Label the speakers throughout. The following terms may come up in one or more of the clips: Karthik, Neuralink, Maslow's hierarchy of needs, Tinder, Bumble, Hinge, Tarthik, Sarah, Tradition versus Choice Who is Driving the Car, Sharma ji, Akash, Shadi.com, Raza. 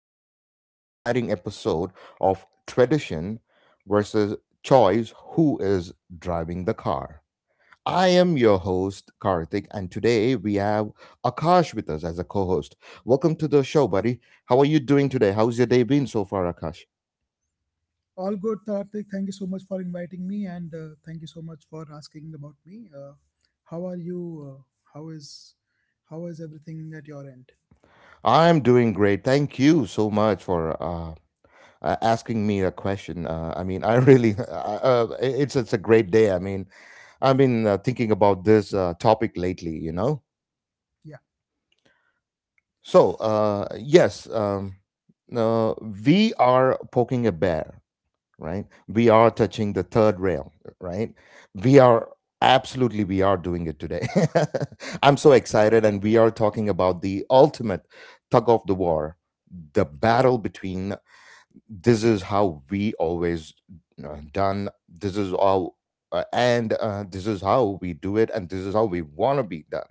Speaker 1: another exciting episode of Tradition versus Choice. Who is Driving the Car? I am your host, Karthik, and today we have Akash with us as a co host. Welcome to the show, buddy. How are you doing today? How's your day been so far, Akash?
Speaker 2: All good, Tarthik. Thank you so much for inviting me, and thank you so much for asking about me. How are you? Uh, how is how is everything at your end?
Speaker 1: I'm doing great. Thank you so much for asking me a question. I mean, I really, it's a great day. I mean, I've been thinking about this topic lately. You know,
Speaker 2: Yeah.
Speaker 1: so yes, we are poking a bear, right? We are touching the third rail, right? We are absolutely we are doing it today. I'm so excited, and we are talking about the ultimate tug of the war, the battle between this is how we always done, this is how and this is how we do it, and this is how we want to be done,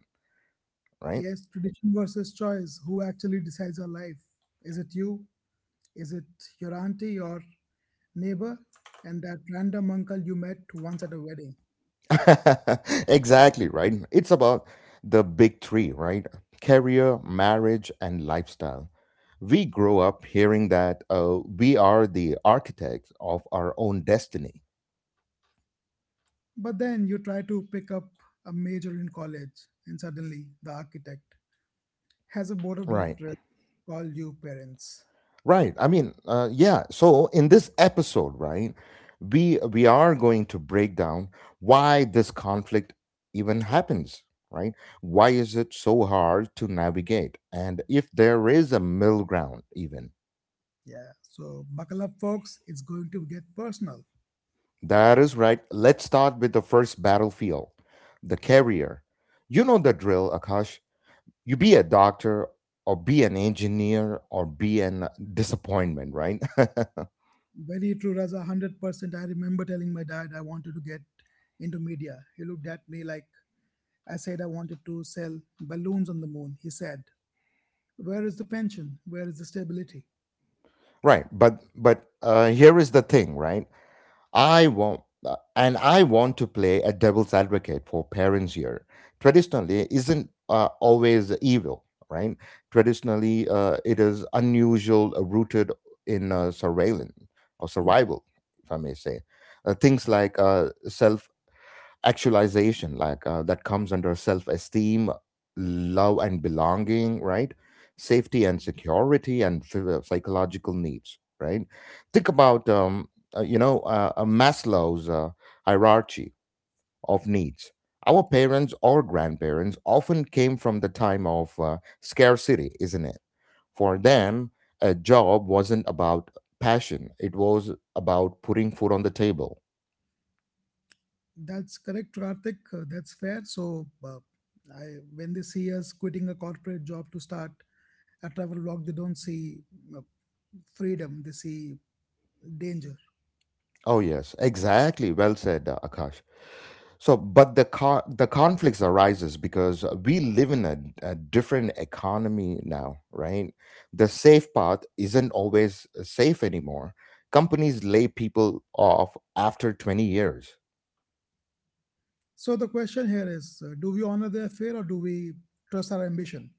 Speaker 1: right?
Speaker 2: Yes, tradition versus choice. Who actually decides your life? Is it you? Is it your auntie, your neighbor, and that random uncle you met once at a wedding?
Speaker 1: Exactly, right. It's about the big three, right? Career, marriage and lifestyle. We grow up hearing that we are the architects of our own destiny.
Speaker 2: But then you try to pick up a major in college, and suddenly the architect has a board of
Speaker 1: Right.
Speaker 2: directors call you parents.
Speaker 1: Right, I mean, yeah, so in this episode, right, we are going to break down why this conflict even happens, right? Why is it so hard to navigate, and if there is a middle ground even?
Speaker 2: Yeah, so buckle up, folks. It's going to get personal.
Speaker 1: That is right. Let's start with the first battlefield, the carrier. You know the drill, Akash. You be a doctor or be an engineer or be an disappointment, right?
Speaker 2: Very true, Raza. 100%. I remember telling my dad I wanted to get into media. He looked at me like I said I wanted to sell balloons on the moon. He said, where is the pension? Where is the stability?
Speaker 1: Right, but here is the thing, right? I want, and I want to play a devil's advocate for parents here. Traditionally, isn't always evil, right? Traditionally, it is unusual, rooted in surveillance or survival, if I may say. Things like self actualization, like that comes under self-esteem, love and belonging, right? Safety and security and psychological needs, right? Think about Maslow's hierarchy of needs. Our parents or grandparents often came from the time of scarcity, isn't it? For them, a job wasn't about passion. It was about putting food on the table.
Speaker 2: That's correct, Karthik. That's fair. I, when they see us quitting a corporate job to start a travel blog, they don't see uh, freedom, they see danger.
Speaker 1: Oh yes, exactly, well said, Akash. So, but the conflicts arises because we live in a different economy now, right? The safe path isn't always safe anymore. Companies lay people off after 20 years.
Speaker 2: So, the question here is do we honor their fear or do we trust our ambition?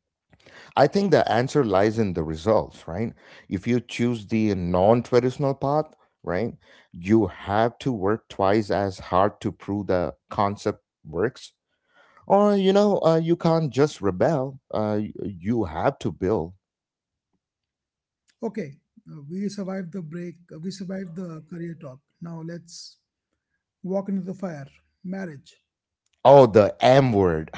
Speaker 1: I think the answer lies in the results, right? If you choose the non-traditional path, right, you have to work twice as hard to prove the concept works. Or, you know, you can't just rebel. You have to build.
Speaker 2: Okay, we survived the break, we survived the career talk. Now, let's walk into the fire marriage.
Speaker 1: Oh, the M word.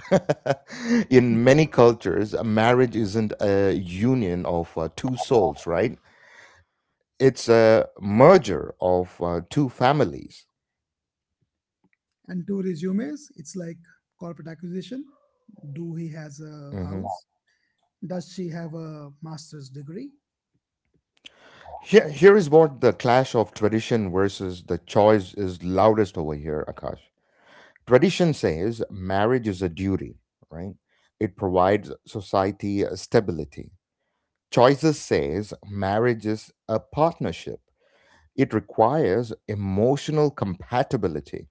Speaker 2: Mhm.
Speaker 1: In many cultures, a marriage isn't a union of two souls, right? It's a merger of two families.
Speaker 2: And two resumes, it's like corporate acquisition. Do he has a
Speaker 1: Mhm.
Speaker 2: house? Does she have a master's degree?
Speaker 1: Here, here is what the clash of tradition versus the choice is loudest over here, Akash. Tradition says marriage is a duty, right? It provides society stability. Choices says marriage is a partnership. It requires emotional compatibility.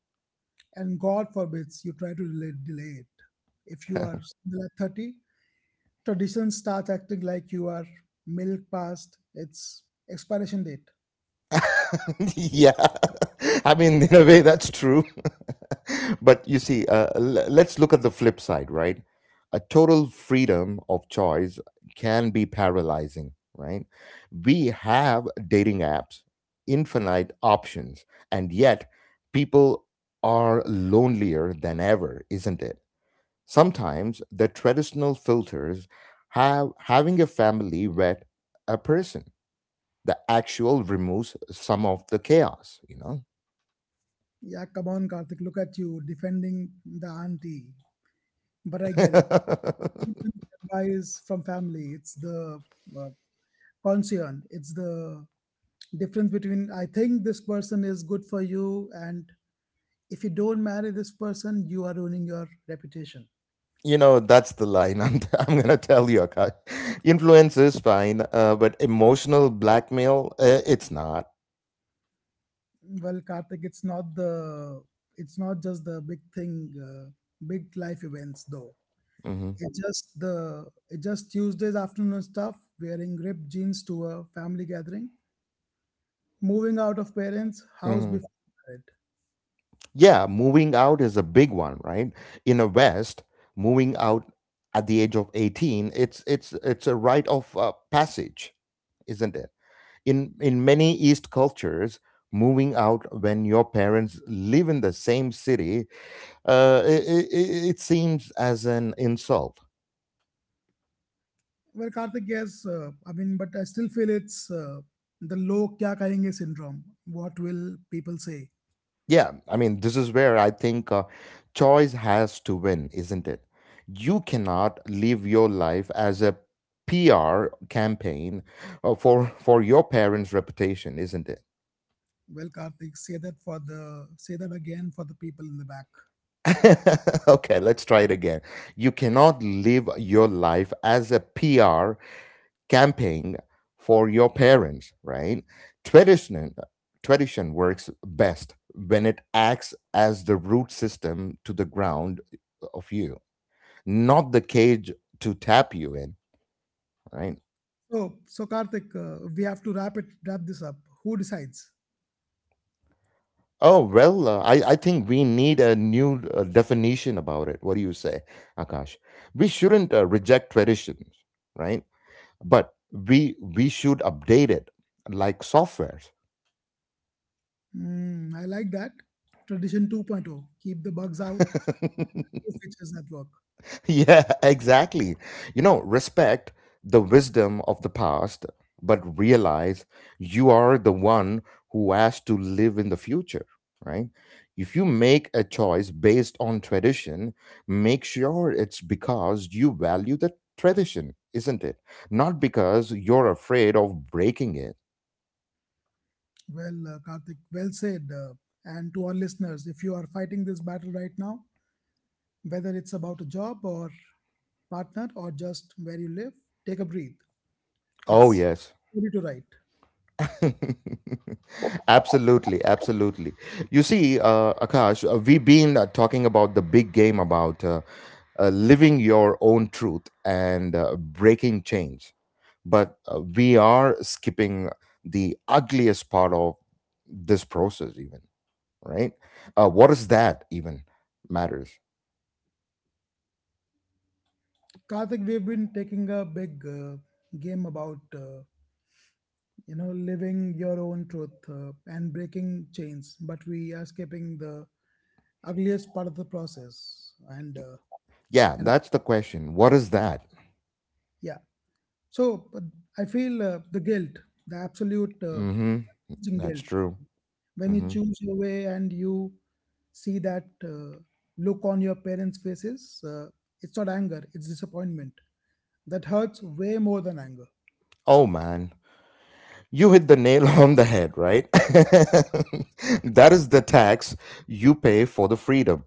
Speaker 2: And God forbids you try to delay, delay it. If you are still at 30, traditions start acting like you are milk past its expiration date.
Speaker 1: Yeah. I mean, in a way, that's true. But you see, let's look at the flip side, right? A total freedom of choice can be paralyzing, right? We have dating apps, infinite options, and yet people are lonelier than ever, isn't it? Sometimes the traditional filters have having a family vet a person. The actual removes some of the chaos, you know.
Speaker 2: Yeah, come on, Karthik, look at you defending the auntie. But I get it. Advice from family, it's the uh, concern, it's the difference between I think this person is good for you and if you don't marry this person, you are ruining your reputation.
Speaker 1: You know, that's the line I'm, I'm gonna tell you, Akash. Influence is fine, but emotional blackmail, it's not.
Speaker 2: Well, Karthik, it's not just the big thing, big life events though.
Speaker 1: Hmm.
Speaker 2: It's just Tuesdays afternoon stuff, wearing ripped jeans to a family gathering, moving out of parents' house
Speaker 1: Hmm.
Speaker 2: before married.
Speaker 1: Yeah, moving out is a big one, right? In the west, moving out at the age of 18, it's a rite of passage, isn't it? In many east cultures, moving out when your parents live in the same city, it seems as an insult.
Speaker 2: Well, Karthik, yes, I mean, but I still feel it's the "log kya kahenge" syndrome. What will people say?
Speaker 1: Yeah, I mean, this is where I think choice has to win, isn't it? You cannot live your life as a PR campaign, for your parents reputation, isn't it?
Speaker 2: Well, Karthik, say that again for the people in the back.
Speaker 1: Okay, let's try it again. You cannot live your life as a PR camping for your parents, right? Tradition, tradition works best when it acts as the root system to the ground of you, not the cage to tap you in, right?
Speaker 2: So, Karthik, we have to wrap this up. Who decides?
Speaker 1: Oh well, I think we need a new definition about it. What do you say, Akash? We shouldn't reject traditions, right? But we should update it like software.
Speaker 2: Mm, I like that. Tradition 2.0. Keep the bugs out. New features that work.
Speaker 1: Yeah, exactly. You know, respect the wisdom of the past, but realize you are the one who has to live in the future, right? If you make a choice based on tradition, make sure it's because you value the tradition, isn't it? Not because you're afraid of breaking it.
Speaker 2: Well, Karthik, well said. And to our listeners, if you are fighting this battle right now, whether it's about a job or partner or just where you live, take a breath.
Speaker 1: Oh,
Speaker 2: It's
Speaker 1: yes.
Speaker 2: a story to write.
Speaker 1: Absolutely, absolutely. You see, Akash, we've been talking about the big game about living your own truth and breaking chains, but we are skipping the ugliest part of this process, even, right? What is that even matters?
Speaker 2: Karthik, we've been taking a big game about you know living your own truth and breaking chains, but we are skipping the ugliest part of the process.
Speaker 1: Yeah,
Speaker 2: And
Speaker 1: that's the question. What is that?
Speaker 2: yeah, so but I feel the guilt, the absolute
Speaker 1: Mm-hmm.
Speaker 2: choosing
Speaker 1: That's
Speaker 2: guilt
Speaker 1: true.
Speaker 2: when you
Speaker 1: Mm-hmm.
Speaker 2: choose your way and you see that look on your parents' faces. It's not anger; it's disappointment. That hurts way more than anger.
Speaker 1: Oh man, you hit the nail on the head, right? That is the tax you pay for the freedom.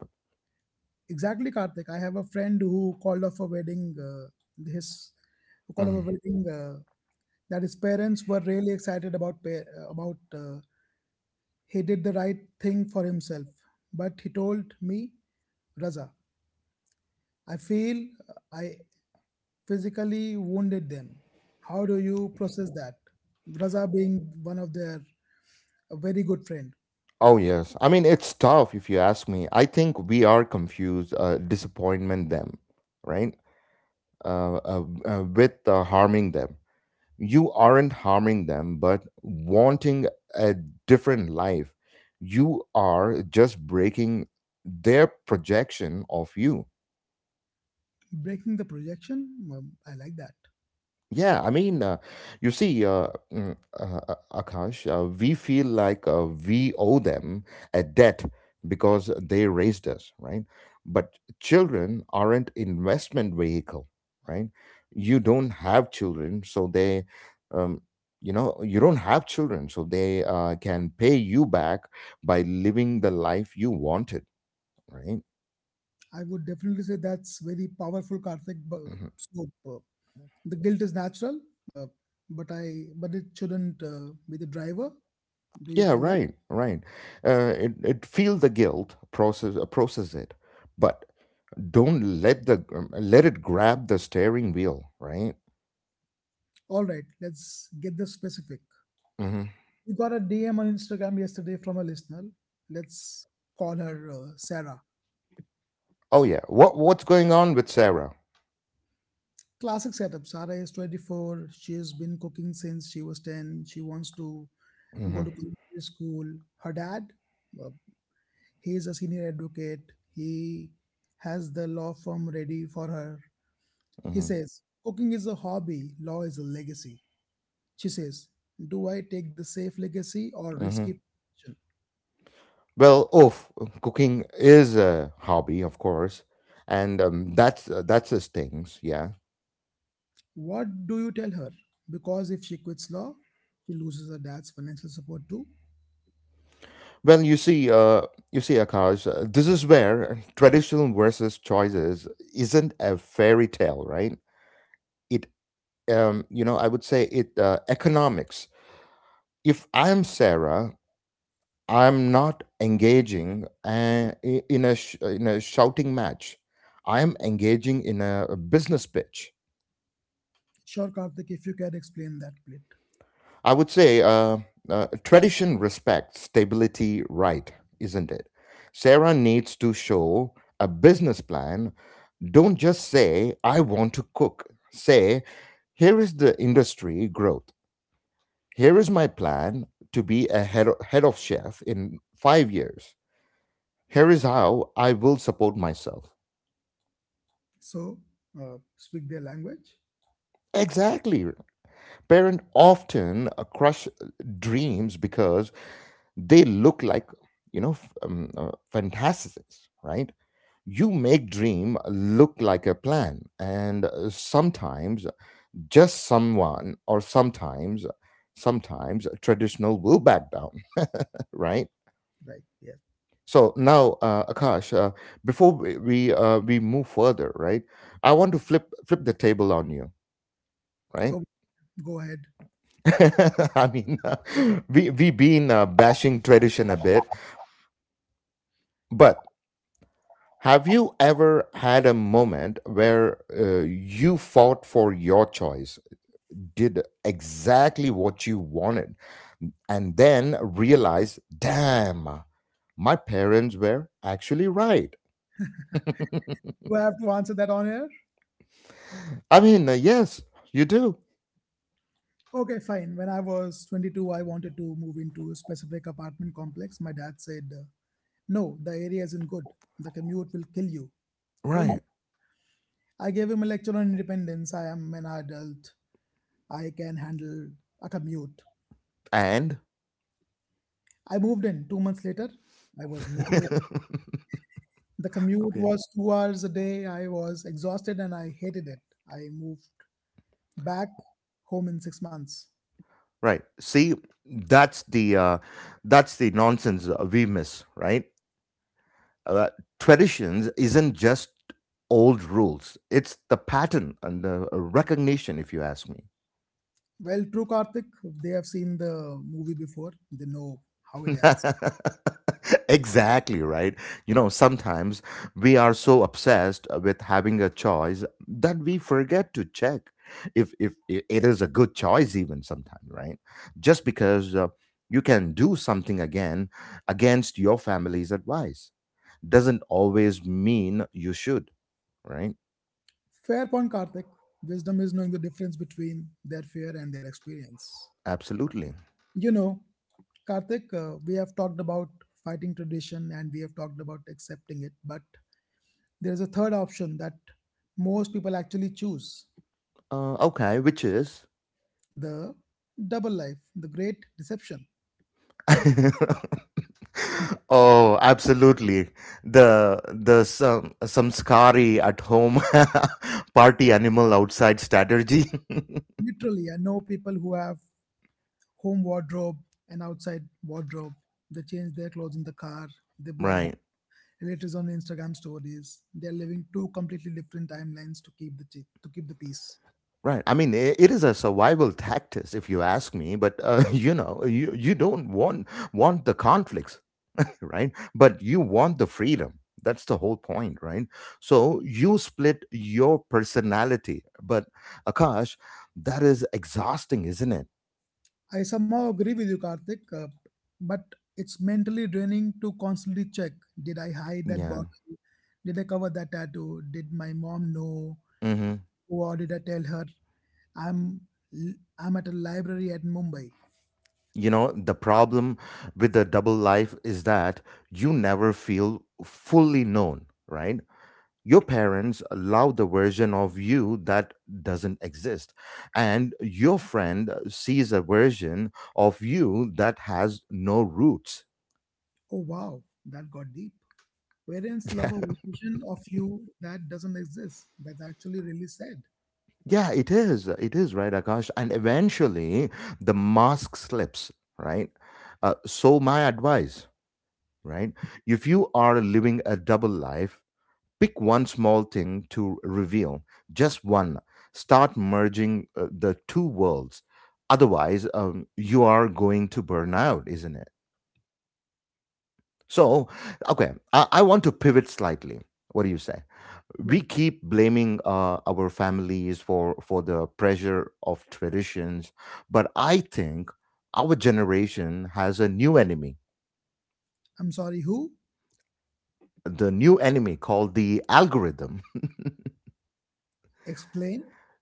Speaker 2: Exactly, Karthik. I have a friend who called off a wedding. His who called off a
Speaker 1: Mhm.
Speaker 2: wedding that his parents were really excited about. He did the right thing for himself, but he told me, Raza, I feel I physically wounded them. How do you process that? Raza being one of their a very good friend,
Speaker 1: Oh, yes. I mean, it's tough if you ask me. I think we are confused, disappointment them, right? With harming them. You aren't harming them, but wanting a different life. You are just breaking their projection of you.
Speaker 2: breaking the projection. I like that.
Speaker 1: Yeah, I mean, Akash, we feel like we owe them a debt because they raised us, right? But children aren't investment vehicle, right? You don't have children, so they, um, you know, you don't have children, so they can pay you back by living the life you wanted, right?
Speaker 2: I would definitely say that's very powerful, Karthik.
Speaker 1: Mhm.
Speaker 2: So, the guilt is natural, uh, but I but it shouldn't be the driver. Do you
Speaker 1: Yeah,
Speaker 2: feel that?
Speaker 1: right, right. It feel the guilt, process, process it, but don't let the let it grab the steering wheel, right?
Speaker 2: All right, let's get this specific.
Speaker 1: Hmm.
Speaker 2: We got a DM on Instagram yesterday from a listener. Let's call her Sarah.
Speaker 1: Oh yeah, what what's going on with Sarah?
Speaker 2: Classic setup. Sarah is 24. She has been cooking since she was 10. She wants to go
Speaker 1: Hmm.
Speaker 2: to culinary school. Her dad, uh, he is a senior advocate. He has the law firm ready for her. He
Speaker 1: Hmm.
Speaker 2: says, cooking is a hobby, law is a legacy. She says, do I take the safe legacy or
Speaker 1: Hmm.
Speaker 2: risky position?
Speaker 1: Well, oof, cooking is a hobby, of course, and that's his things. Yeah.
Speaker 2: What do you tell her? Because if she quits law, she loses her dad's financial support too.
Speaker 1: Well, you see, Akash, this is where traditional versus choices isn't a fairy tale, right? It, you know, I would say it economics. If I'm Sarah, I'm not engaging in in a shouting match. I am engaging in a business pitch.
Speaker 2: Sure, Karthik, if you can explain that bit.
Speaker 1: I would say tradition respects stability, right? Isn't it? Sarah needs to show a business plan. Don't just say I want to cook. Say here is the industry growth. Here is my plan to be a head, head of chef in 5 years. Here is how I will support myself.
Speaker 2: So speak their language.
Speaker 1: Exactly. Parent often crush dreams because they look like, you know, fantasies, right? You make dream look like a plan, and sometimes just someone, or sometimes, sometimes traditional will back down, right?
Speaker 2: Right, yes.
Speaker 1: So now, Akash, before we we move further, right? I want to flip the table on you, right?
Speaker 2: Oh, go ahead.
Speaker 1: I mean, we've been bashing tradition a bit, but have you ever had a moment where you fought for your choice, did exactly what you wanted, and then realized, damn, my parents were actually right?
Speaker 2: Do I have to answer that on air?
Speaker 1: I mean, yes, you do,
Speaker 2: Okay, fine. When I was 22, I wanted to move into a specific apartment complex. My dad said, no, the area isn't good. The commute will kill you. Don't.
Speaker 1: right?
Speaker 2: I gave him a lecture on independence. I am an adult. I can handle a commute.
Speaker 1: And
Speaker 2: I moved in 2 months later. I was miserable. The commute
Speaker 1: okay,
Speaker 2: was 2 hours a day. I was exhausted and I hated it. I moved back home in 6 months.
Speaker 1: right. See, that's the uh, that's the nonsense we miss, right? uh, Traditions isn't just old rules. It's the pattern and the recognition, if you ask me.
Speaker 2: Well, true, Karthik, they have seen the movie before. They know how it ends.
Speaker 1: Exactly, right. You know, sometimes we are so obsessed with having a choice that we forget to check if it is a good choice even sometimes, right? Just because you can do something again against your family's advice doesn't always mean you should, right?
Speaker 2: Fair point, Karthik. Wisdom is knowing the difference between their fear and their experience.
Speaker 1: Absolutely.
Speaker 2: You know, Karthik, we have talked about fighting tradition and we have talked about accepting it, but there is a third option that most people actually choose
Speaker 1: Okay, which is?
Speaker 2: the double life, the great deception.
Speaker 1: Oh, absolutely. The some samskari at home, party animal outside strategy.
Speaker 2: Literally, I know people who have home wardrobe and outside wardrobe. They change their clothes in the car, they blog
Speaker 1: Right.
Speaker 2: relatives on Instagram stories. They are living two completely different timelines to keep the peace.
Speaker 1: Right. I mean, I it is a survival tactic, if you ask me. But you know, you don't want the conflicts, right? But you want the freedom. That's the whole point, right? So you split your personality. But Akash, that is exhausting, isn't it?
Speaker 2: I somehow agree with you, Karthik, but it's mentally draining to constantly check. Did I hide that
Speaker 1: Yeah.
Speaker 2: bottle? Did I cover that tattoo? Did my mom know?
Speaker 1: Hmm.
Speaker 2: Or did I tell her? I'm I'm at a library at Mumbai.
Speaker 1: You know, the problem with the double life is that you never feel fully known, right? Your parents allow the version of you that doesn't exist, and your friend sees a version of you that has no roots.
Speaker 2: Oh wow, that got deep. Parents
Speaker 1: Yeah,
Speaker 2: love a version of you that doesn't exist. That's actually really sad.
Speaker 1: yeah, it is. It is, right, Akash? And eventually the mask slips, right? So, my advice, right? If you are living a double life, pick one small thing to reveal, just one. Start merging the two worlds. Otherwise, you are going to burn out, isn't it? So, okay, I want to pivot slightly. What do you say?
Speaker 2: No,
Speaker 1: We keep blaming our families for the pressure of traditions, but I think our generation has a new enemy.
Speaker 2: I'm sorry, who?
Speaker 1: The new enemy called the algorithm.
Speaker 2: Explain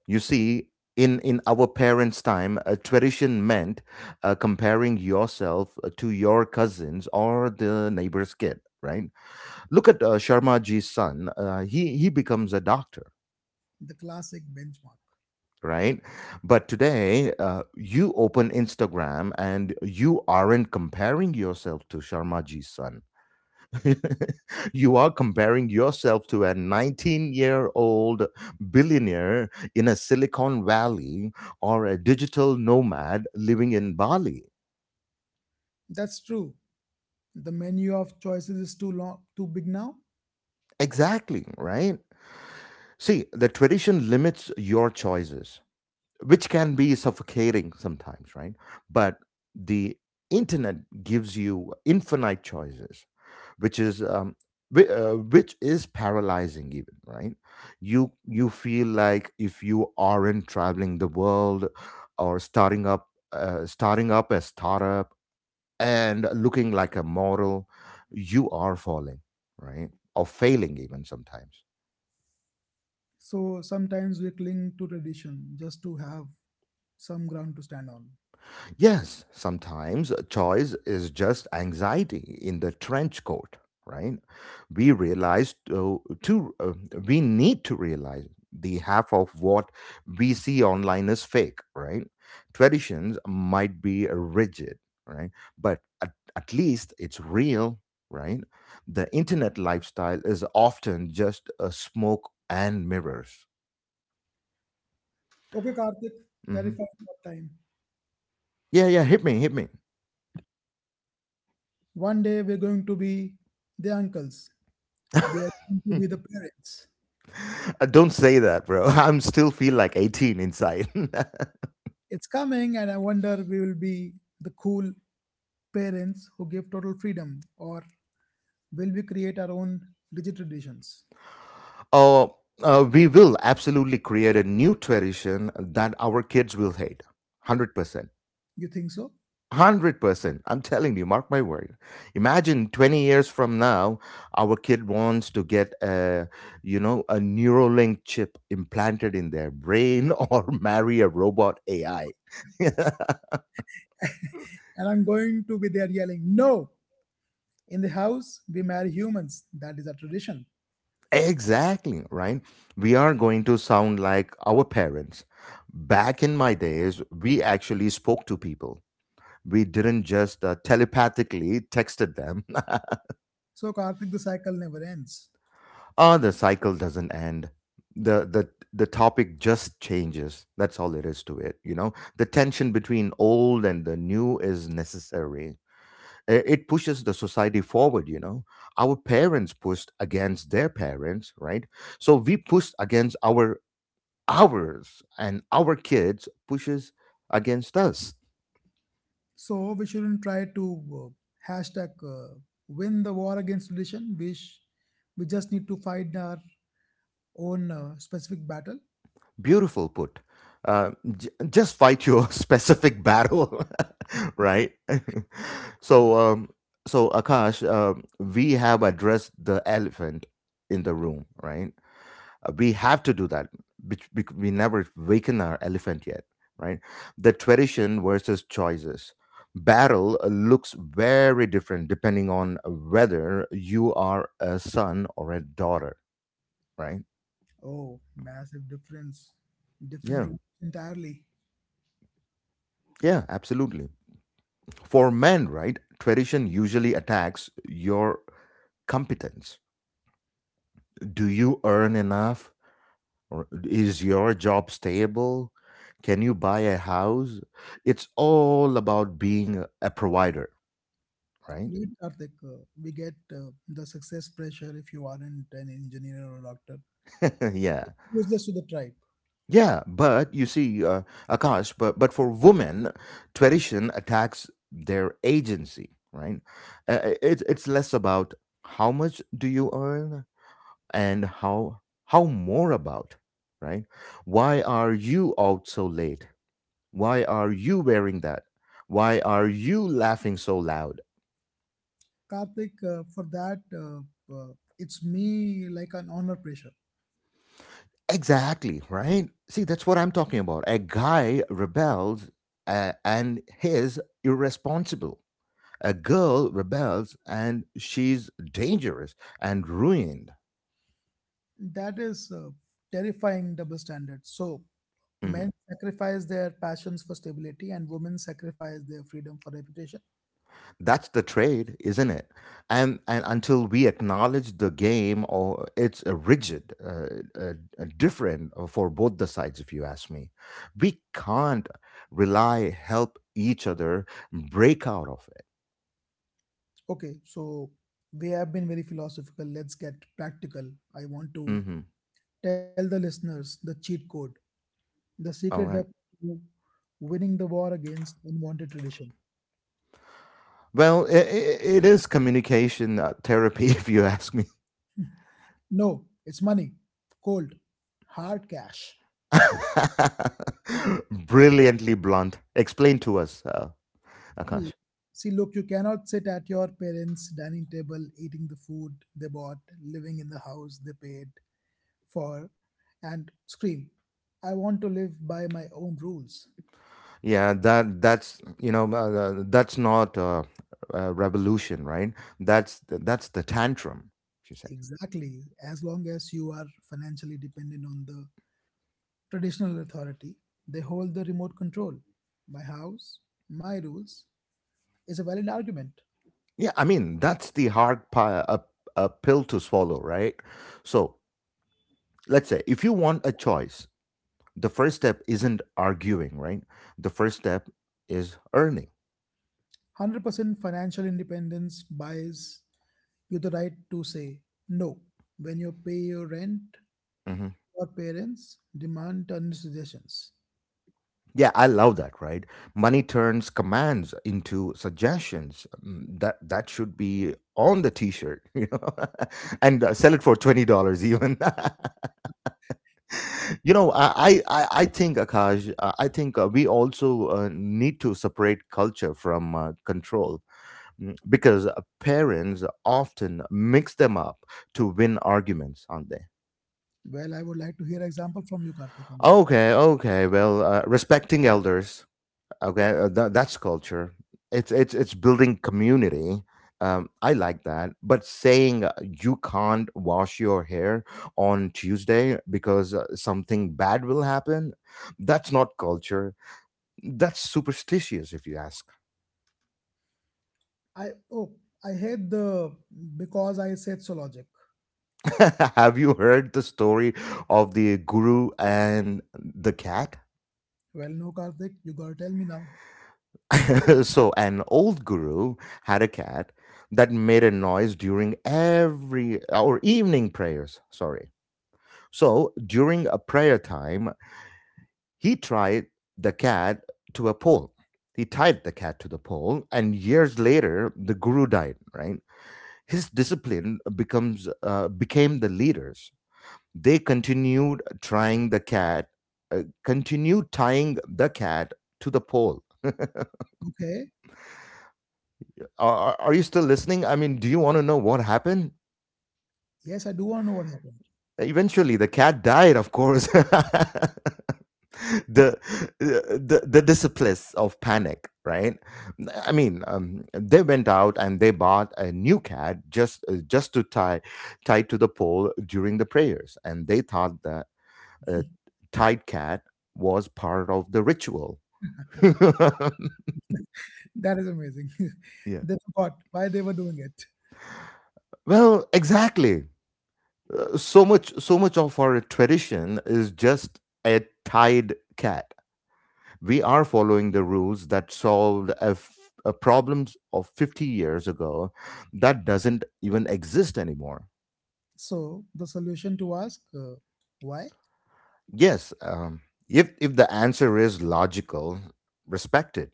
Speaker 1: You see, in our parents' time, a tradition meant comparing yourself to your cousins or the neighbor's kid, right? Look at Sharma ji's son. He becomes a doctor,
Speaker 2: the classic benchmark.
Speaker 1: right? But today, you open Instagram and you aren't comparing yourself to Sharma ji's son. You are comparing yourself to a 19-year-old billionaire in a Silicon Valley or a digital nomad living in Bali.
Speaker 2: That's true. The menu of choices is too long, too big now.
Speaker 1: Exactly, right? See, the tradition limits your choices, which can be suffocating sometimes, right? But the internet gives you infinite choices, which is which is paralyzing even, right? You feel like if you aren't traveling the world or starting up a startup and looking like a model, you are falling, right? Or failing even sometimes.
Speaker 2: So sometimes we cling to tradition just to have some ground to stand on.
Speaker 1: Yes, sometimes choice is just anxiety in the trench coat, right? We realize to, to uh, we need to realize the half of what we see online is fake, right? Traditions might be rigid, right? But at least it's real, right? The internet lifestyle is often just a smoke and mirrors.
Speaker 2: Okay, Karthik,
Speaker 1: Hmm.
Speaker 2: terrifying what time.
Speaker 1: Yeah, yeah, hit me, hit me.
Speaker 2: One day we're going to be the uncles. We are going to be the parents.
Speaker 1: Don't say that, bro. I'm still feel like 18 inside.
Speaker 2: It's coming, and I wonder we will be the cool parents who give total freedom, or will we create our own rigid traditions?
Speaker 1: Oh, we will absolutely create a new tradition that our kids will hate. 100%.
Speaker 2: You think so?
Speaker 1: 100%. I'm telling you, mark my word. Imagine 20 years from now, our kid wants to get a, you know, a Neuralink chip implanted in their brain, or marry a robot AI.
Speaker 2: And I'm going to be there yelling, no! In the house, we marry humans. That is a tradition.
Speaker 1: Exactly, right? We are going to sound like our parents. Back in my days, we actually spoke to people. We didn't just telepathically texted them.
Speaker 2: So, Karthik, the cycle never ends.
Speaker 1: Ah, the cycle doesn't end. The topic just changes. That's all it is to it, you know? The tension between old and the new is necessary. It pushes the society forward, you know? Our parents pushed against their parents, right? So we pushed against ours and our kids pushes against us.
Speaker 2: So, we shouldn't try to hashtag win the war against tradition. We just need to fight our own specific battle.
Speaker 1: Beautiful put. Uh, just fight your specific battle, right? so,
Speaker 2: Like,
Speaker 1: um, so Akash, we have addressed the elephant in the room, right? We have to do that we never waken our elephant yet, right? The tradition versus choices barrel looks very different depending on whether you are a son or a daughter, right?
Speaker 2: oh, massive difference. Different
Speaker 1: Yeah,
Speaker 2: routes entirely.
Speaker 1: yeah, absolutely. For men, right, tradition usually attacks your competence. Do you earn enough? Or is your job stable? Can you buy a house? It's all about being a provider, right?
Speaker 2: Great, Karthik. We get the success pressure if you aren't an engineer or a doctor.
Speaker 1: Yeah.
Speaker 2: Useless to the tribe.
Speaker 1: Yeah, but you see, Akash, but for women, tradition attacks their agency, right? It's less about how much do you earn and how more about, right? Why are you out so late? Why are you wearing that? Why are you laughing so loud?
Speaker 2: Karthik, for that, it's me like an honor pressure.
Speaker 1: Exactly, right? See, that's what I'm talking about. A guy rebels and he's irresponsible. A girl rebels and she's dangerous and ruined.
Speaker 2: That is terrifying double standard. So, men
Speaker 1: Mhm.
Speaker 2: sacrifice their passions for stability and women sacrifice their freedom for reputation.
Speaker 1: That's the trade, isn't it? And until we acknowledge the game, or it's rigid, uh, different for both the sides. If you ask me, we can't rely help each other break out of it.
Speaker 2: Okay, so we have been very philosophical. Let's get practical. I want to
Speaker 1: Mhm.
Speaker 2: tell the listeners the cheat code, the secret
Speaker 1: All
Speaker 2: weapon
Speaker 1: right.
Speaker 2: to winning the war against unwanted tradition.
Speaker 1: Well, it is communication therapy, if you ask me.
Speaker 2: No, it's money, cold, hard cash.
Speaker 1: Brilliantly blunt. Explain to us,
Speaker 2: See,
Speaker 1: Akash.
Speaker 2: see, look, you cannot sit at your parents' dining table eating the food they bought, living in the house they paid for, and scream, I want to live by my own rules.
Speaker 1: Yeah, that's you know that's not a revolution, right? That's the tantrum. She said.
Speaker 2: Exactly. As long as you are financially dependent on the traditional authority, they hold the remote control. My house, my rules is a valid argument.
Speaker 1: Yeah, I mean that's the a pill to swallow, right? So let's say if you want a choice, the first step isn't arguing, right? The first step is earning.
Speaker 2: 100% financial independence buys you the right to say no when you pay your rent
Speaker 1: Mm-hmm.
Speaker 2: your parents demand turn suggestions.
Speaker 1: Yeah, I love that, right? Money turns commands into suggestions. Mm, that that should be on the t-shirt, you know, and sell it for $20 even. You know, I think Akash, I think we also need to separate culture from control. Mm, because parents often mix them up to win arguments, aren't they?
Speaker 2: Well, I would like to hear example from you, Karthik, on that.
Speaker 1: Okay, okay. Well, respecting elders, okay, that's culture. It's building community. I like that, but saying you can't wash your hair on Tuesday because something bad will happen, that's not culture. That's superstitious, if you ask.
Speaker 2: I oh, I hate the because I said so logic.
Speaker 1: Have you heard the story of the guru and the cat?
Speaker 2: Well, no, Karthik, you gotta tell me now.
Speaker 1: So, an old guru had a cat that made a noise during every or evening prayers, sorry. So during a prayer time, he tried the cat to a pole. He tied the cat to the pole, and years later, the guru died. Right, his discipline becomes became the leaders. They continued trying the cat, continued tying the cat to the pole.
Speaker 2: Okay,
Speaker 1: Are, are you still listening? I mean, do you want to know what happened?
Speaker 2: yes, I do want to know what happened.
Speaker 1: Eventually, the cat died, of course. the the disciples of panic, right? I mean, they went out and they bought a new cat just to tie to the pole during the prayers, and they thought that a tied cat was part of the ritual.
Speaker 2: That is amazing.
Speaker 1: Yeah,
Speaker 2: They forgot why they were doing it.
Speaker 1: well, exactly. So much of our tradition is just a tied cat. We are following the rules that solved a, problems of 50 years ago that doesn't even exist anymore.
Speaker 2: So the solution to ask why?
Speaker 1: Yes, if the answer is logical, respect it.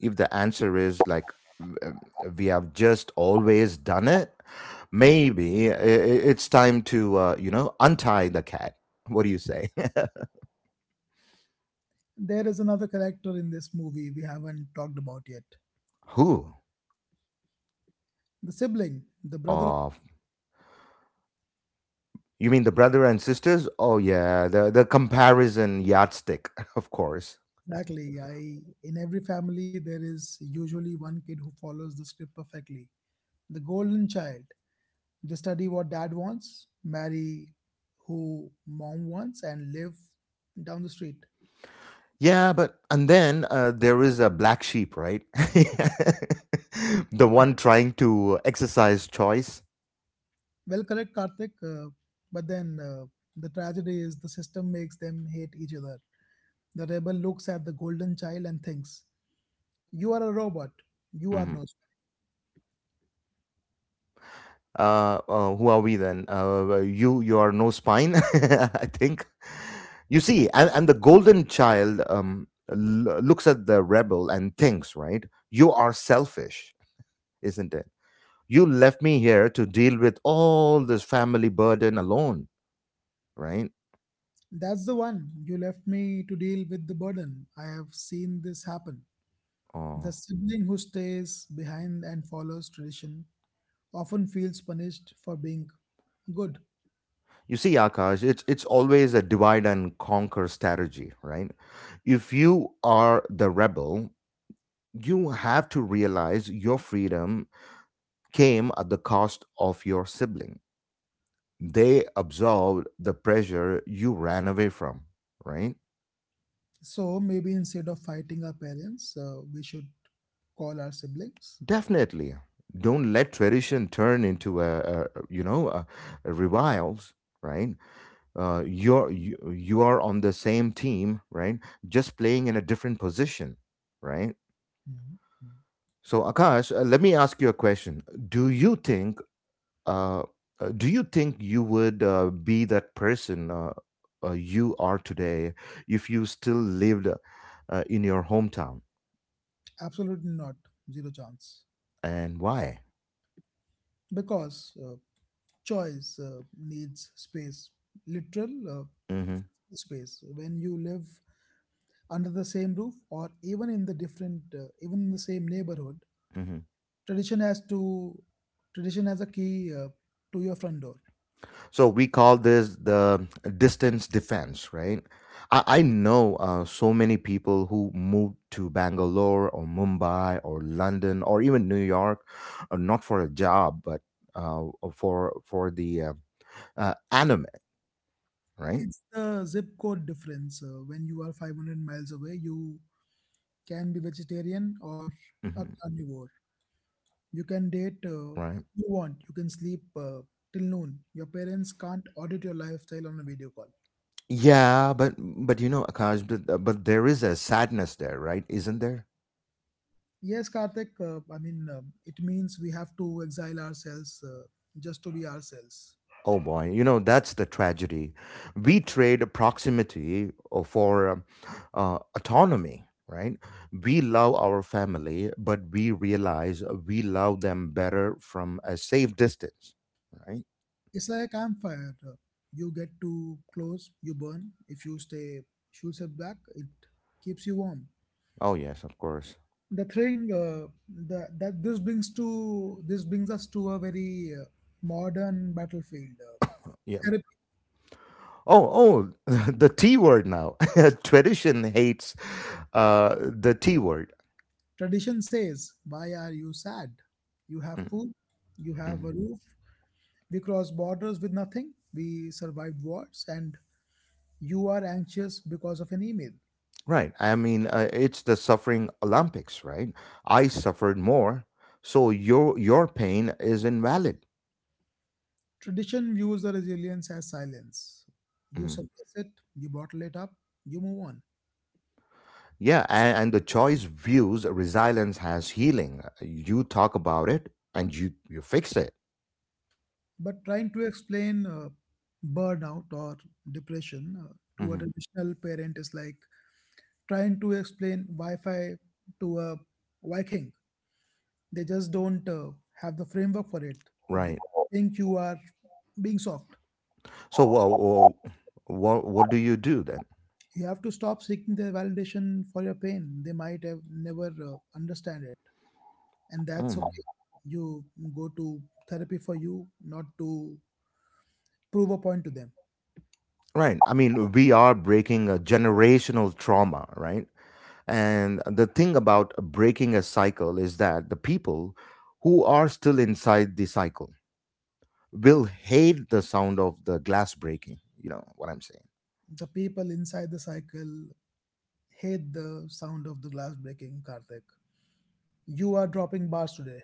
Speaker 1: If the answer is like, w- um, we have just always done it, maybe it's time to you know, untie the cat. What do you say?
Speaker 2: There is another character in this movie we haven't talked about yet.
Speaker 1: Who?
Speaker 2: The sibling, the brother. Of,
Speaker 1: Oh, you mean the brother and sisters. Oh yeah, the comparison yardstick. Of course.
Speaker 2: exactly. I in every family there is usually one kid who follows the script perfectly. The golden child, they study what dad wants, marry who mom wants, and live down the street.
Speaker 1: Yeah, but and then there is a black sheep, right? The one trying to exercise choice.
Speaker 2: Well, correct, Karthik. But then the tragedy is the system makes them hate each other. The rebel looks at the golden child and thinks, you are a robot. You are
Speaker 1: Mhm.
Speaker 2: no. spark."
Speaker 1: Who are we then? You are no spine, I think. You see, and the golden child looks at the rebel and thinks, right? You are selfish, isn't it? You left me here to deal with all this family burden alone, right?
Speaker 2: That's the one. You left me to deal with the burden. I have seen this happen. The
Speaker 1: Oh.
Speaker 2: sibling who stays behind and follows tradition often feels punished for being good.
Speaker 1: You see, Akash, it's always a divide and conquer strategy, right? If you are the rebel, you have to realize your freedom came at the cost of your sibling. They absorbed the pressure you ran away from, right?
Speaker 2: So maybe instead of fighting our parents, we should call our siblings.
Speaker 1: Definitely. Don't let tradition turn into a you know, a reviles, right? Uh, you are on the same team, right? Just playing in a different position, right?
Speaker 2: Mhm. Mhm.
Speaker 1: So Akash, let me ask you a question. Do you think uh, do you think you would be that person you are today if you still lived in your hometown?
Speaker 2: Absolutely not, zero chance.
Speaker 1: And why?
Speaker 2: Because choice needs space, literal
Speaker 1: Mm-hmm.
Speaker 2: space. When you live under the same roof or even in the same neighborhood,
Speaker 1: Mm-hmm.
Speaker 2: tradition has to tradition has a key to your front door.
Speaker 1: So we call this the distance defense, right? I know so many people who moved to Bangalore or Mumbai or London or even New York, not for a job, but uh, for the anime, right?
Speaker 2: It's the zip code difference, when you are 500 miles away you can be vegetarian or a
Speaker 1: Hmm.
Speaker 2: carnivore, you can date,
Speaker 1: Right.
Speaker 2: you want, you can sleep till noon. Your parents can't audit your lifestyle on a video call.
Speaker 1: Yeah, but you know, Akash, but there is a sadness there, right? Isn't there?
Speaker 2: Yes, Karthik. I mean, it means we have to exile ourselves just to be ourselves.
Speaker 1: Oh boy, you know, that's the tragedy. We trade proximity for autonomy, right? We love our family, but we realize we love them better from a safe distance, right?
Speaker 2: It's like a campfire. You get too close, you burn. If you stay, shoot step back, it keeps you warm.
Speaker 1: Oh, yes, of course.
Speaker 2: The thing the, that this brings to this brings us to a very modern battlefield.
Speaker 1: Yeah.
Speaker 2: Therapy.
Speaker 1: Oh, oh, the T word now. Tradition hates the T word.
Speaker 2: Tradition says, "Why are you sad? You have
Speaker 1: Mm,
Speaker 2: food, you have
Speaker 1: mm.
Speaker 2: a roof. We crossed borders with nothing. We survived wars, and you are anxious because of an email."
Speaker 1: Right. I mean, it's the suffering Olympics, right? I suffered more, so your pain is invalid.
Speaker 2: Tradition views the resilience as silence. You
Speaker 1: Mhm.
Speaker 2: suppress it, you bottle it up, you move on.
Speaker 1: Yeah, and the choice views resilience as healing. You talk about it, and you fix it.
Speaker 2: But trying to explain burnout or depression to a
Speaker 1: Mhm.
Speaker 2: traditional parent is like trying to explain Wi Fi to a Viking. They just don't have the framework for it. They
Speaker 1: Right.
Speaker 2: think you are being soft.
Speaker 1: So, well, well, what do you do then?
Speaker 2: You have to stop seeking their validation for your pain. They might have never understand it. And that's
Speaker 1: Mm.
Speaker 2: okay. You go to therapy for you, not to prove a point to them.
Speaker 1: Right. I mean, we are breaking a generational trauma, right? And the thing about breaking a cycle is that the people who are still inside the cycle will hate the sound of the glass breaking. You know what I'm
Speaker 2: The people inside the cycle hate the sound of the glass breaking, Karthik. You are dropping bars today.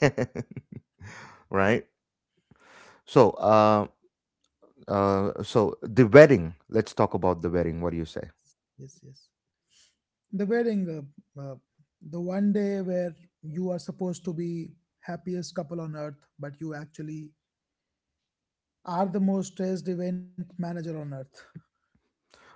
Speaker 1: saying, right? So, so the wedding. Let's talk about the wedding. What do you say?
Speaker 2: Yes, yes. The wedding, uh, the one day where you are supposed to be happiest couple on earth but you actually are the most stressed event manager on earth.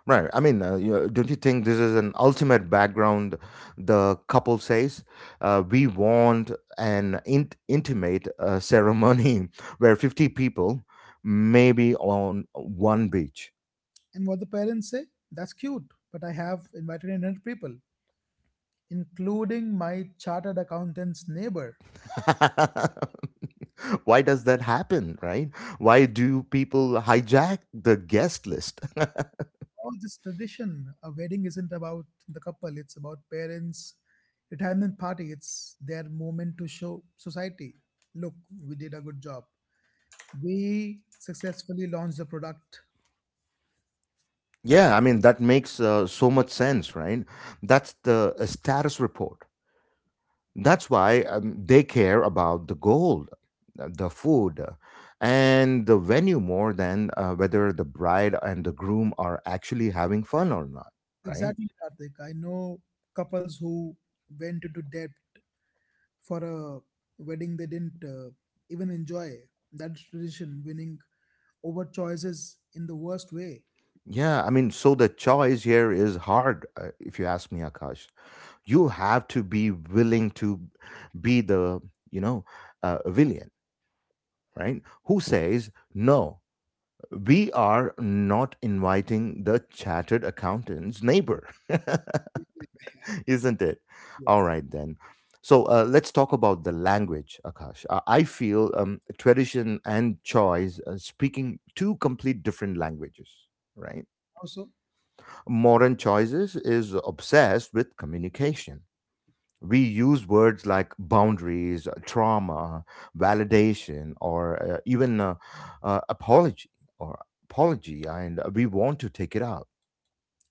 Speaker 1: Right. I mean, don't you think this is an ultimate background? The couple says, "We want an intimate ceremony where 50 people, maybe on one beach."
Speaker 2: And what the parents say, that's cute, but I have invited 100 people including my chartered accountant's neighbor.
Speaker 1: Why does that happen, right? Why do people hijack the guest list?
Speaker 2: All this tradition, a wedding isn't about the couple, it's about parents' retirement party. It's their moment to show society, look, we did a good job. We successfully launched the product.
Speaker 1: Yeah, I mean, that makes so much sense, right? That's the status report. That's why they care about the gold, the food, and the venue more than whether the bride and the groom are actually having fun or not, right?
Speaker 2: Exactly, Karthik. I know couples who went into debt for a wedding they didn't even enjoy. That tradition, winning over choices in the worst way.
Speaker 1: Yeah, I mean, so the choice here is hard, if you ask me, Akash. You have to be willing to be the, you know, villain. Right? Who says, no, we are not inviting the chattered accountant's neighbor, isn't it? All
Speaker 2: Yes.
Speaker 1: right, then. So let's talk about the language, Akash. I feel tradition and choice speaking two complete different languages, right?
Speaker 2: Also,
Speaker 1: Modern choices is obsessed with communication we use words like boundaries, trauma, validation, or even apology or apology, and we want to take it out.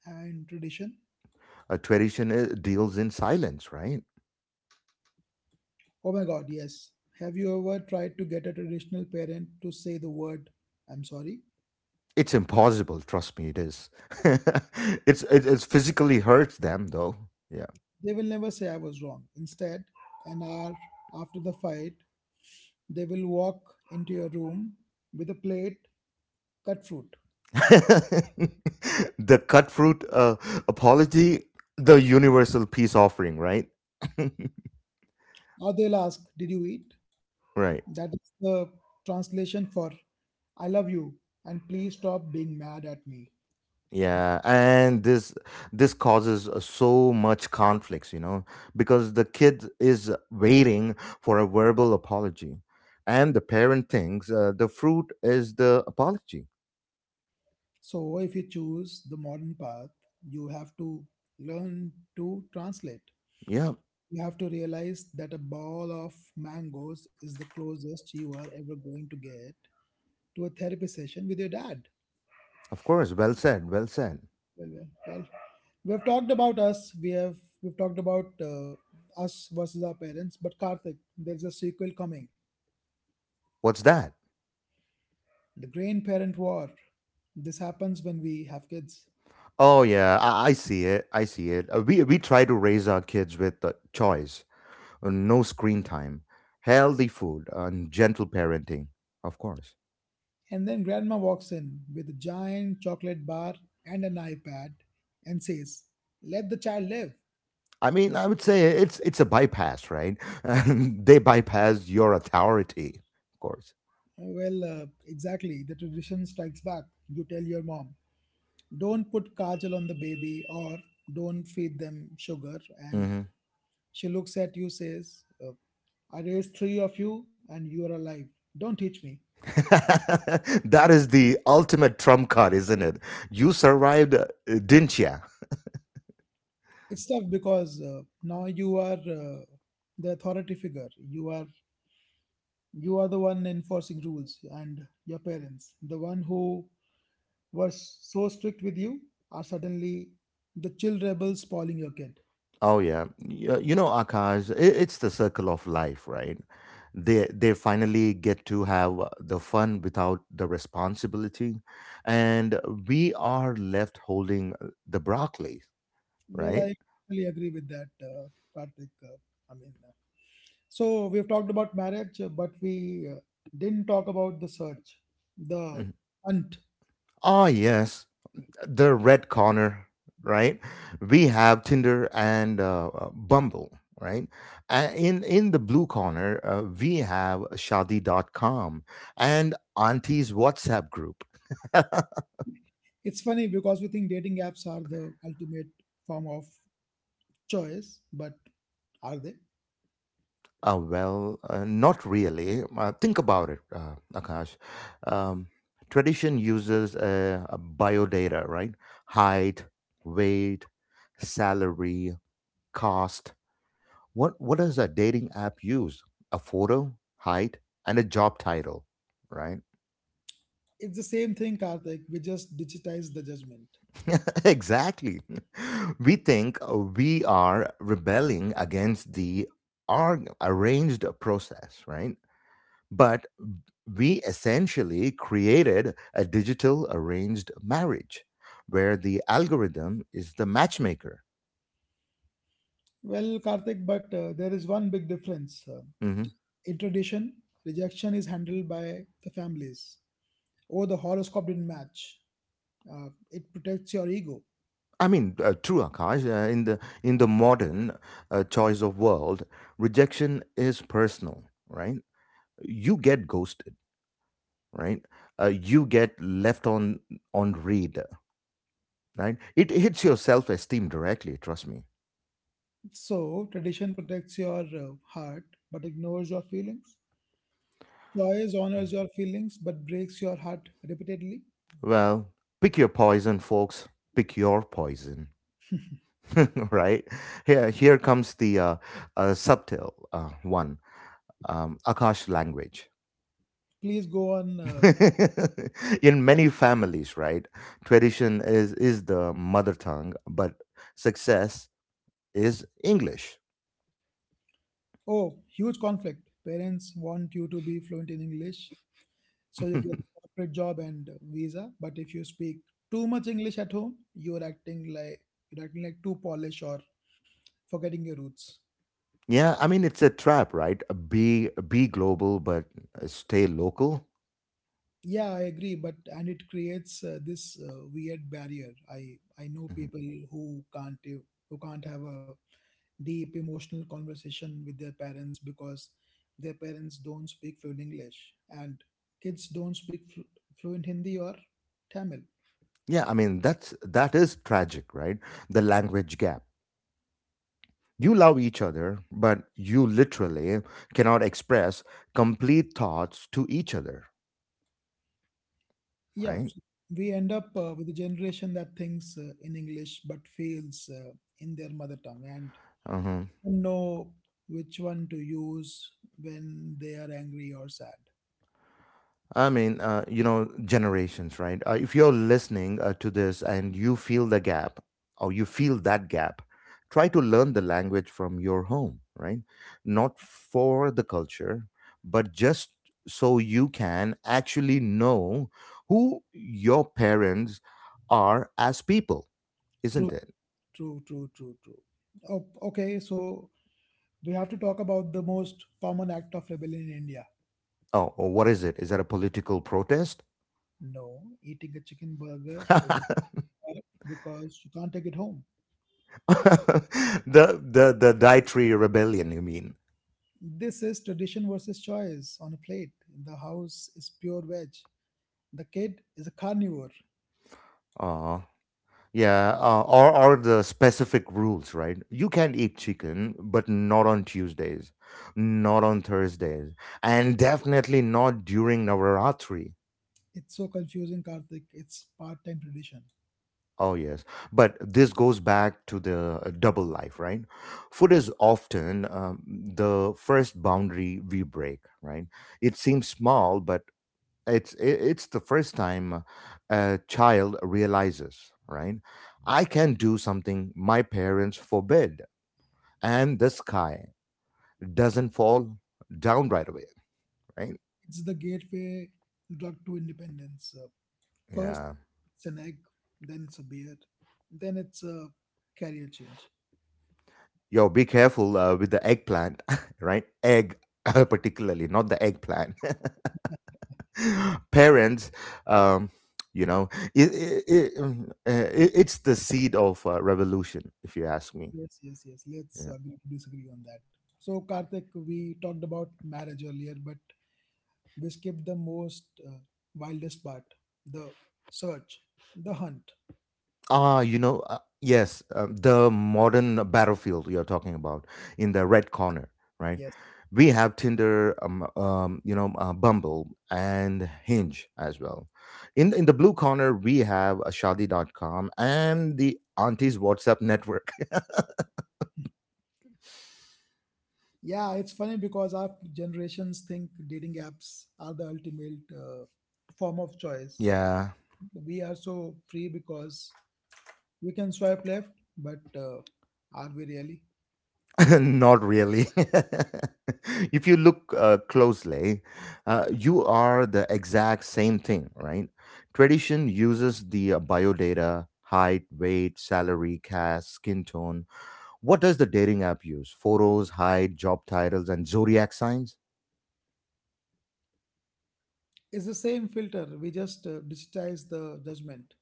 Speaker 2: and tradition.
Speaker 1: A tradition deals in silence, right?
Speaker 2: Oh my god, yes. Have you ever tried to get a traditional parent to say the word, I'm sorry?
Speaker 1: It's impossible. Trust me, it is. It's physically hurts them though. Yeah.
Speaker 2: They will never say I was wrong. Instead, an hour after the fight, they will walk into your room with a plate, cut fruit.
Speaker 1: The cut fruit apology, the universal peace offering, right?
Speaker 2: Or they'll ask, did you eat?
Speaker 1: Right.
Speaker 2: That is the translation for I love you and please stop being mad at me.
Speaker 1: Yeah, and this causes so much conflicts, you know, because the kid is waiting for a verbal apology, and the parent thinks the fruit is the apology.
Speaker 2: So, if you choose the modern path, you have to learn to translate.
Speaker 1: Yeah,
Speaker 2: You have to realize that a ball of mangoes is the closest you are ever going to get to a therapy session with your dad.
Speaker 1: of course. Well said. Well said.
Speaker 2: Well, well, well. We've talked about us. We've talked about us versus our parents. But Karthik, there's a sequel coming:
Speaker 1: What's that?
Speaker 2: the grandparent war. This happens when we have kids,
Speaker 1: Oh yeah, I see it. I see it. We try to raise our kids with choice, no screen time, healthy food, and gentle parenting, of course.
Speaker 2: and then grandma walks in with a giant chocolate bar and an iPad and says, "Let the child live."
Speaker 1: I mean, I would say it's a bypass, right? And they bypass your authority, of course.
Speaker 2: Well, exactly. The tradition strikes back. You tell your mom, don't put kajal on the baby or don't feed them sugar. And
Speaker 1: Hmm.
Speaker 2: she looks at you, says, I raised three of you and you are alive. Don't teach me.
Speaker 1: That is the ultimate trump card, isn't it? You survived, didn't ya?
Speaker 2: It's tough because now you are the authority figure. You are the one enforcing rules and your parents, the one who were so strict with you are suddenly the chill rebels spoiling your kid.
Speaker 1: Oh yeah, you know, Akash, it's the circle of life, right? They finally get to have the fun without the responsibility, and we are left holding the broccoli,
Speaker 2: Well, I
Speaker 1: right?
Speaker 2: totally agree with that, Karthik. I mean, so we've talked about marriage, but we didn't talk about the search, the
Speaker 1: Mhm.
Speaker 2: hunt.
Speaker 1: Ah, yes, the red corner, right? We have Tinder and Bumble, right? In the blue corner, we have Shadi.com and Auntie's WhatsApp group.
Speaker 2: It's funny because we think dating apps are the ultimate form of choice, but are they?
Speaker 1: Not really. Think about it, Akash. Um, tradition uses a biodata, right? Height, weight, salary, cost. What does a dating app use? A photo, height, and a job title, right?
Speaker 2: It's the same thing, Karthik. We just digitize the judgment.
Speaker 1: Exactly. We think we are rebelling against the arranged process, right? But we essentially created a digital arranged marriage where the algorithm is the matchmaker.
Speaker 2: Well, Karthik, but there is one big difference.
Speaker 1: Mhm.
Speaker 2: In tradition, rejection is handled by the families. Oh, the horoscope didn't match. It protects your ego.
Speaker 1: I mean, true Akash, in the modern choice of world, rejection is personal, right? You get ghosted, right? You get left on read, right? It hits your self esteem directly. Trust me.
Speaker 2: So, tradition protects your heart but ignores your feelings. Choice honors your feelings but breaks your heart repeatedly.
Speaker 1: Well, pick your poison, folks. Pick your poison. Right? Here comes the subtle one. Akash language.
Speaker 2: Please go on. Uh,
Speaker 1: In many families, right, tradition is the mother tongue, but success is English.
Speaker 2: oh, huge conflict. Parents want you to be fluent in English so you get a corporate job and visa. But if you speak too much English at home, you're acting like too polished or forgetting your roots.
Speaker 1: Yeah, I mean it's a trap, right? Be global but stay local.
Speaker 2: Yeah, I agree, but and it creates this weird barrier. I know
Speaker 1: Mhm.
Speaker 2: people who can't do- who can't have a deep emotional conversation with their parents because their parents don't speak fluent English and kids don't speak fluent Hindi or Tamil.
Speaker 1: Yeah, I mean that is tragic, right? The language gap. You love each other, but you literally cannot express complete thoughts to each other,
Speaker 2: Yeah,
Speaker 1: right?
Speaker 2: so we end up with a generation that thinks in English but feels in their mother tongue and
Speaker 1: Uh-huh.
Speaker 2: don't know which one to use when they are angry or sad.
Speaker 1: I mean, you know, generations, right? If you're listening to this and you feel the gap or you feel that gap, try to learn the language from your home, right? Not for the culture, but just so you can actually know who your parents are as people,
Speaker 2: True,
Speaker 1: isn't it?
Speaker 2: true, true, true, true. Oh, okay, so we have to talk about the most common act of rebellion in India.
Speaker 1: Oh, oh, what is it? Is that a political protest?
Speaker 2: No, eating a chicken burger in a
Speaker 1: the
Speaker 2: park because you can't take it home.
Speaker 1: the dietary rebellion, you mean?
Speaker 2: This is tradition versus choice on a plate. The house is pure veg. The kid is a carnivore.
Speaker 1: Uh yeah, or the specific rules, right? You can eat chicken, but not on Tuesdays, not on Thursdays, and definitely not during Navaratri.
Speaker 2: It's so confusing, Karthik. It's part-time tradition.
Speaker 1: Oh yes, but this goes back to the double life, right? Food is often the first boundary we break, right? It seems small, but it's i- it's the first time a child realizes, right, I can do something my parents forbid and the sky doesn't fall down right away, right?
Speaker 2: It's the gateway drug to independence. First,
Speaker 1: Yeah,
Speaker 2: it's an egg, then it's a beer, then it's a career change.
Speaker 1: yo be careful with the eggplant. Right? Egg. Particularly not the eggplant. Parents, um you know, it, it, it's the seed of revolution, if you ask me.
Speaker 2: Yes, yes, yes. Let's
Speaker 1: Yeah.
Speaker 2: agree to disagree on that. So, Karthik, we talked about marriage earlier, but we skipped the most wildest part, the search, the hunt.
Speaker 1: Ah, you know, yes, the modern battlefield you're talking about in the red corner, right?
Speaker 2: Yes.
Speaker 1: We have Tinder, you know, Bumble and Hinge as well. In the blue corner, we have a shadi.com and the auntie's WhatsApp network.
Speaker 2: Yeah, it's funny because our generations think dating apps are the ultimate form of choice.
Speaker 1: Yeah.
Speaker 2: We are so free because we can swipe left, but are we really?
Speaker 1: Not really. If you look closely, you are the exact same thing, right? Tradition uses the bio height, weight, salary, caste, skin tone. What does the dating app use? Photos, height, job titles, and zodiac signs?
Speaker 2: It's the same filter. We just digitize the judgment.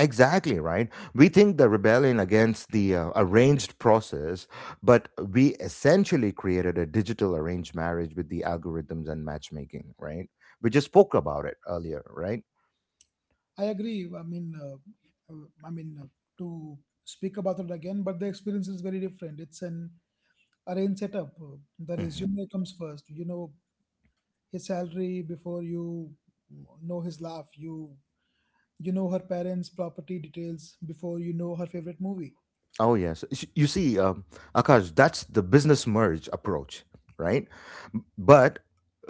Speaker 1: Exactly, right? We think the rebellion against the arranged process, but we essentially created a digital arranged marriage with the algorithms and matchmaking, right? We just spoke about it earlier, right?
Speaker 2: I agree. I mean, to speak about it again, but the experience is very different. It's an arranged setup. The
Speaker 1: Hmm.
Speaker 2: resume comes first. You know his salary before you know his laugh. You know her parents' property details before you know her favorite movie.
Speaker 1: Oh yes, you see, Akash, that's the business merge approach, right? But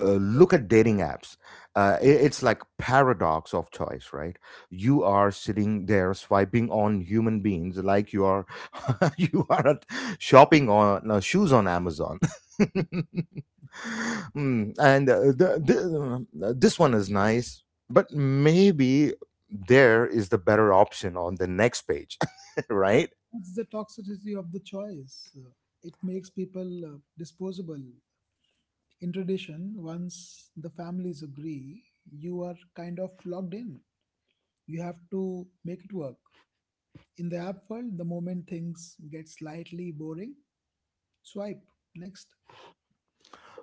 Speaker 1: uh, look at dating apps. It's like paradox of choice, right? You are sitting there swiping on human beings like you are you are at shopping on shoes on Amazon. Mm, and this one is nice, but maybe there is the better option on the next page, right?
Speaker 2: It's the toxicity of the choice. It makes people disposable. In tradition, once the families agree, you are kind of locked in. You have to make it work. In the app world, the moment things get slightly boring, swipe next.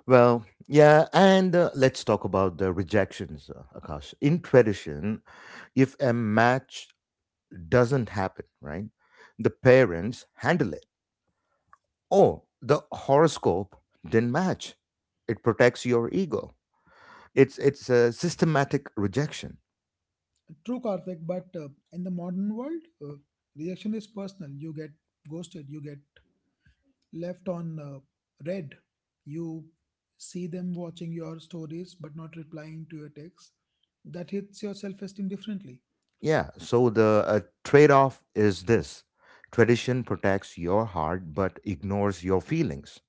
Speaker 1: Well, yeah, and let's talk about the rejections, Akash. In tradition, if a match doesn't happen, right, the parents handle it. Oh, the horoscope didn't match. It protects your ego. It's a systematic rejection.
Speaker 2: True, Karthik, but in the modern world, rejection is personal. You get ghosted, you get left on red, you see them watching your stories but not replying to your texts. That hits your self esteem differently.
Speaker 1: Yeah. So the trade-off is this: tradition protects your heart but ignores your feelings.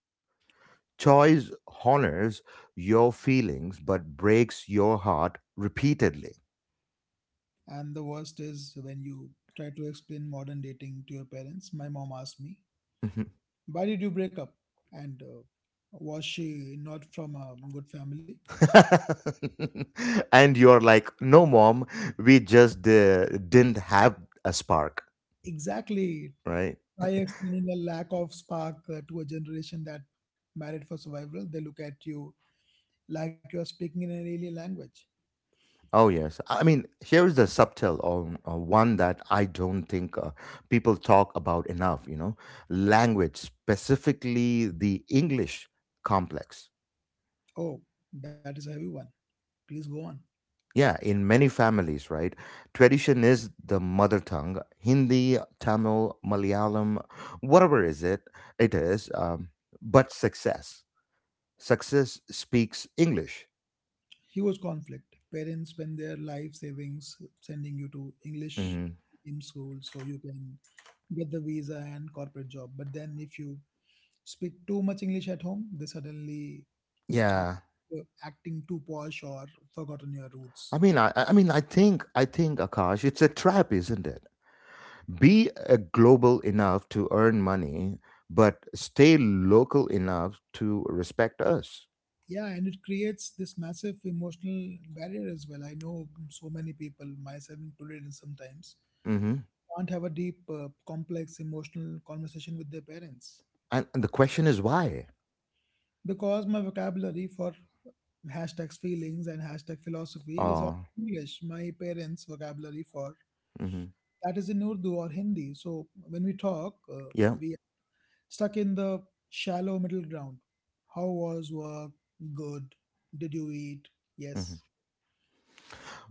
Speaker 1: Choice honors your feelings but breaks your heart repeatedly.
Speaker 2: And the worst is when you try to explain modern dating to your parents. My mom asked me,
Speaker 1: Mhm.
Speaker 2: why did you break up? And was she not from a good family?
Speaker 1: And you're like, no, mom, we just didn't have a spark,
Speaker 2: Exactly.
Speaker 1: right?
Speaker 2: By explaining a lack of spark to a generation that married for survival, they look at you like you're speaking in an alien language.
Speaker 1: Oh, yes. I mean, here is the subtle one that I don't think people talk about enough, you know, language, specifically the English complex.
Speaker 2: Oh, that is a heavy one. Please go on.
Speaker 1: Yeah, in many families, right? Tradition is the mother tongue. Hindi, Tamil, Malayalam, whatever is it, it is. But success, success speaks English.
Speaker 2: Huge conflict. Parents spend their life savings sending you to English
Speaker 1: Hmm.
Speaker 2: in school so you can get the visa and corporate job. But then if you speak too much English at home, they suddenly are
Speaker 1: Yeah,
Speaker 2: acting too posh or forgotten your
Speaker 1: I
Speaker 2: roots.
Speaker 1: mean, Akash, it's a trap, isn't it? Be global enough to earn money, but stay local enough to respect us.
Speaker 2: Yeah, and it creates this massive emotional barrier as well. I know so many people, myself included, and sometimes
Speaker 1: Hmm.
Speaker 2: can't have a deep, complex emotional conversation with their parents
Speaker 1: And the question is why?
Speaker 2: because my vocabulary for hashtags feelings and hashtag philosophy is all
Speaker 1: Uh,
Speaker 2: English. My parents' vocabulary for
Speaker 1: mhm.
Speaker 2: that is in Urdu or Hindi. So when we talk,
Speaker 1: Yeah.
Speaker 2: we stuck in the shallow middle ground. How was work? Good. Did you eat?
Speaker 1: Mm-hmm.
Speaker 2: Yes.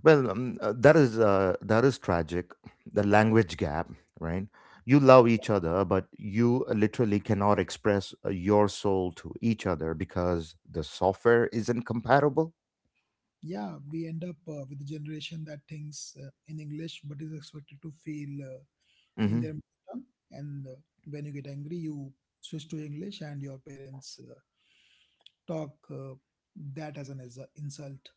Speaker 1: Well, that is tragic. The language gap, right? You love each other, but you literally cannot express your soul to each other because the software isn't compatible.
Speaker 2: Yeah, we end up with a generation that thinks in English but is expected to feel in
Speaker 1: Hmm.
Speaker 2: their mother tongue. And when you get angry you switch to English and your parents talk that as an insult.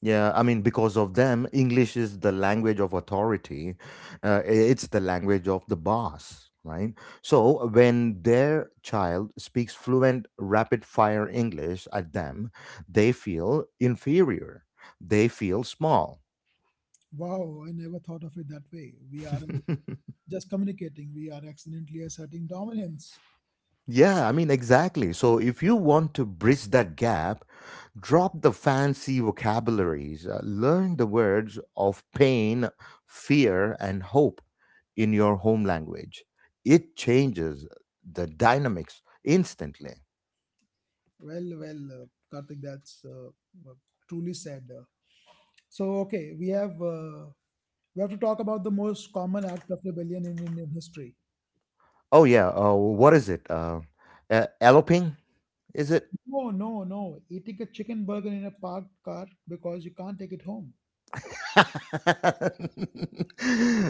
Speaker 1: Yeah, I mean, because of them, English is the language of authority. It's the language of the boss, right? So when their child speaks fluent, rapid-fire English at them, they feel inferior. They feel small.
Speaker 2: Wow, I never thought of it that way. We are just communicating, we are accidentally asserting dominance.
Speaker 1: Yeah, I mean, exactly. So if you want to bridge that gap, drop the fancy vocabularies, learn the words of pain, fear, and hope in your home language. It changes the dynamics instantly.
Speaker 2: Well, well, Karthik, that's uh, truly said. So, okay, we have to talk about the most common act of rebellion in Indian history.
Speaker 1: Oh, yeah. What is it? Eloping? Is it?
Speaker 2: No, no, no. Eating a chicken burger in a parked car because you can't take it home.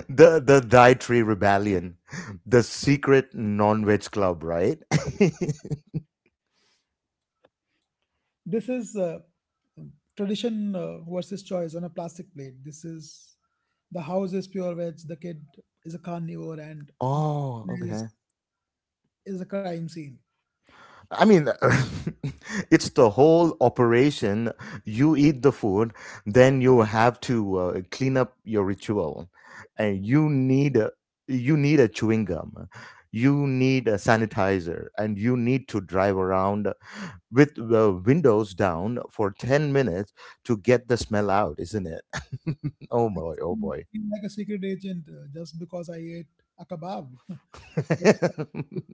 Speaker 1: The dietary rebellion, the secret non-veg club, right?
Speaker 2: This is tradition versus choice on a plastic plate. This is the house is pure veg, the kid is a carnivore, and
Speaker 1: Oh,
Speaker 2: is
Speaker 1: okay.
Speaker 2: is a crime scene.
Speaker 1: I mean, it's the whole operation. You eat the food, then you have to clean up your ritual, and you need a chewing gum, you need a sanitizer, and you need to drive around with the windows down for 10 minutes to get the smell out, isn't it? Oh
Speaker 2: I
Speaker 1: boy! Oh boy!
Speaker 2: feel like a secret agent just because I ate a kebab.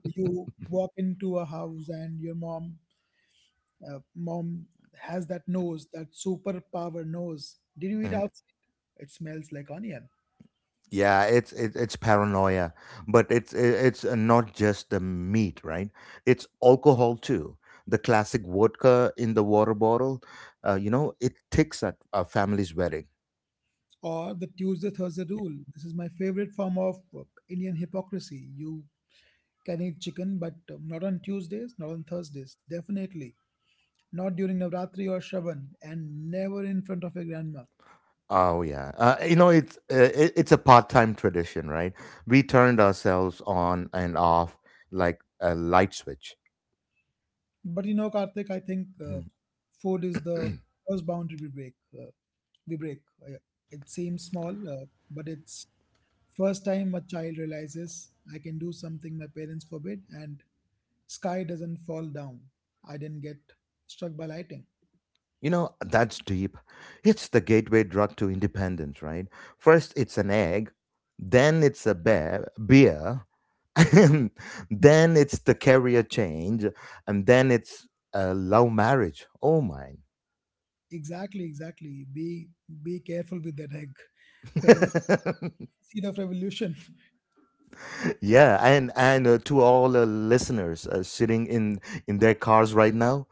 Speaker 2: You walk into a house and your mom uh, mom has that nose, that superpower nose. Did you eat
Speaker 1: Mm.
Speaker 2: outside? It smells like onion.
Speaker 1: Yeah, it's paranoia, but it's not just the meat, right? It's alcohol too. The classic vodka in the water bottle, you know, it ticks at a family's wedding.
Speaker 2: Or the Tuesday Thursday rule. This is my favorite form of Indian hypocrisy. You can eat chicken, but not on Tuesdays, not on Thursdays, definitely. Not during Navratri or Shravan, and never in front of your grandma.
Speaker 1: Oh yeah, you know it's a part-time tradition, right? We turned ourselves on and off like a light switch.
Speaker 2: But you know, Karthik, I think
Speaker 1: Mhm.
Speaker 2: food is the first boundary we break. Uh, it seems small, but it's first time a child realizes I can do something my parents forbid, and sky doesn't fall down. I didn't get struck by lightning.
Speaker 1: You know that's deep. It's the gateway drug to independence, right? First it's an egg, then it's a beer, and then it's the career change and then it's a love marriage, oh mine!
Speaker 2: Exactly, exactly. Be careful with that egg. Parents, seed of revolution.
Speaker 1: Yeah, and to all listeners sitting in their cars right now,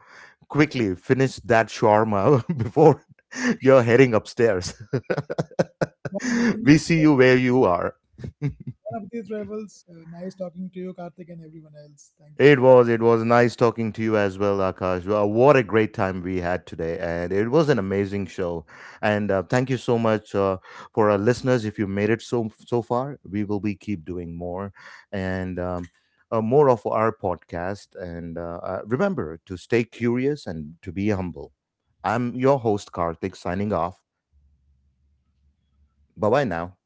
Speaker 1: quickly finish that shawarma before you're heading upstairs.
Speaker 2: One of the,
Speaker 1: We see you where you are.
Speaker 2: One of these rebels. Nice talking to you, Karthik, and everyone else. Thank you
Speaker 1: It
Speaker 2: so much.
Speaker 1: was. It was nice talking to you as well, Akash. Well, what a great time we had today. And it was an amazing show. And thank you so much for our listeners. If you made it so far, we will be keep doing more and more of our podcast. And remember to stay curious and to be humble. I'm your host, Karthik, signing off. Bye bye now.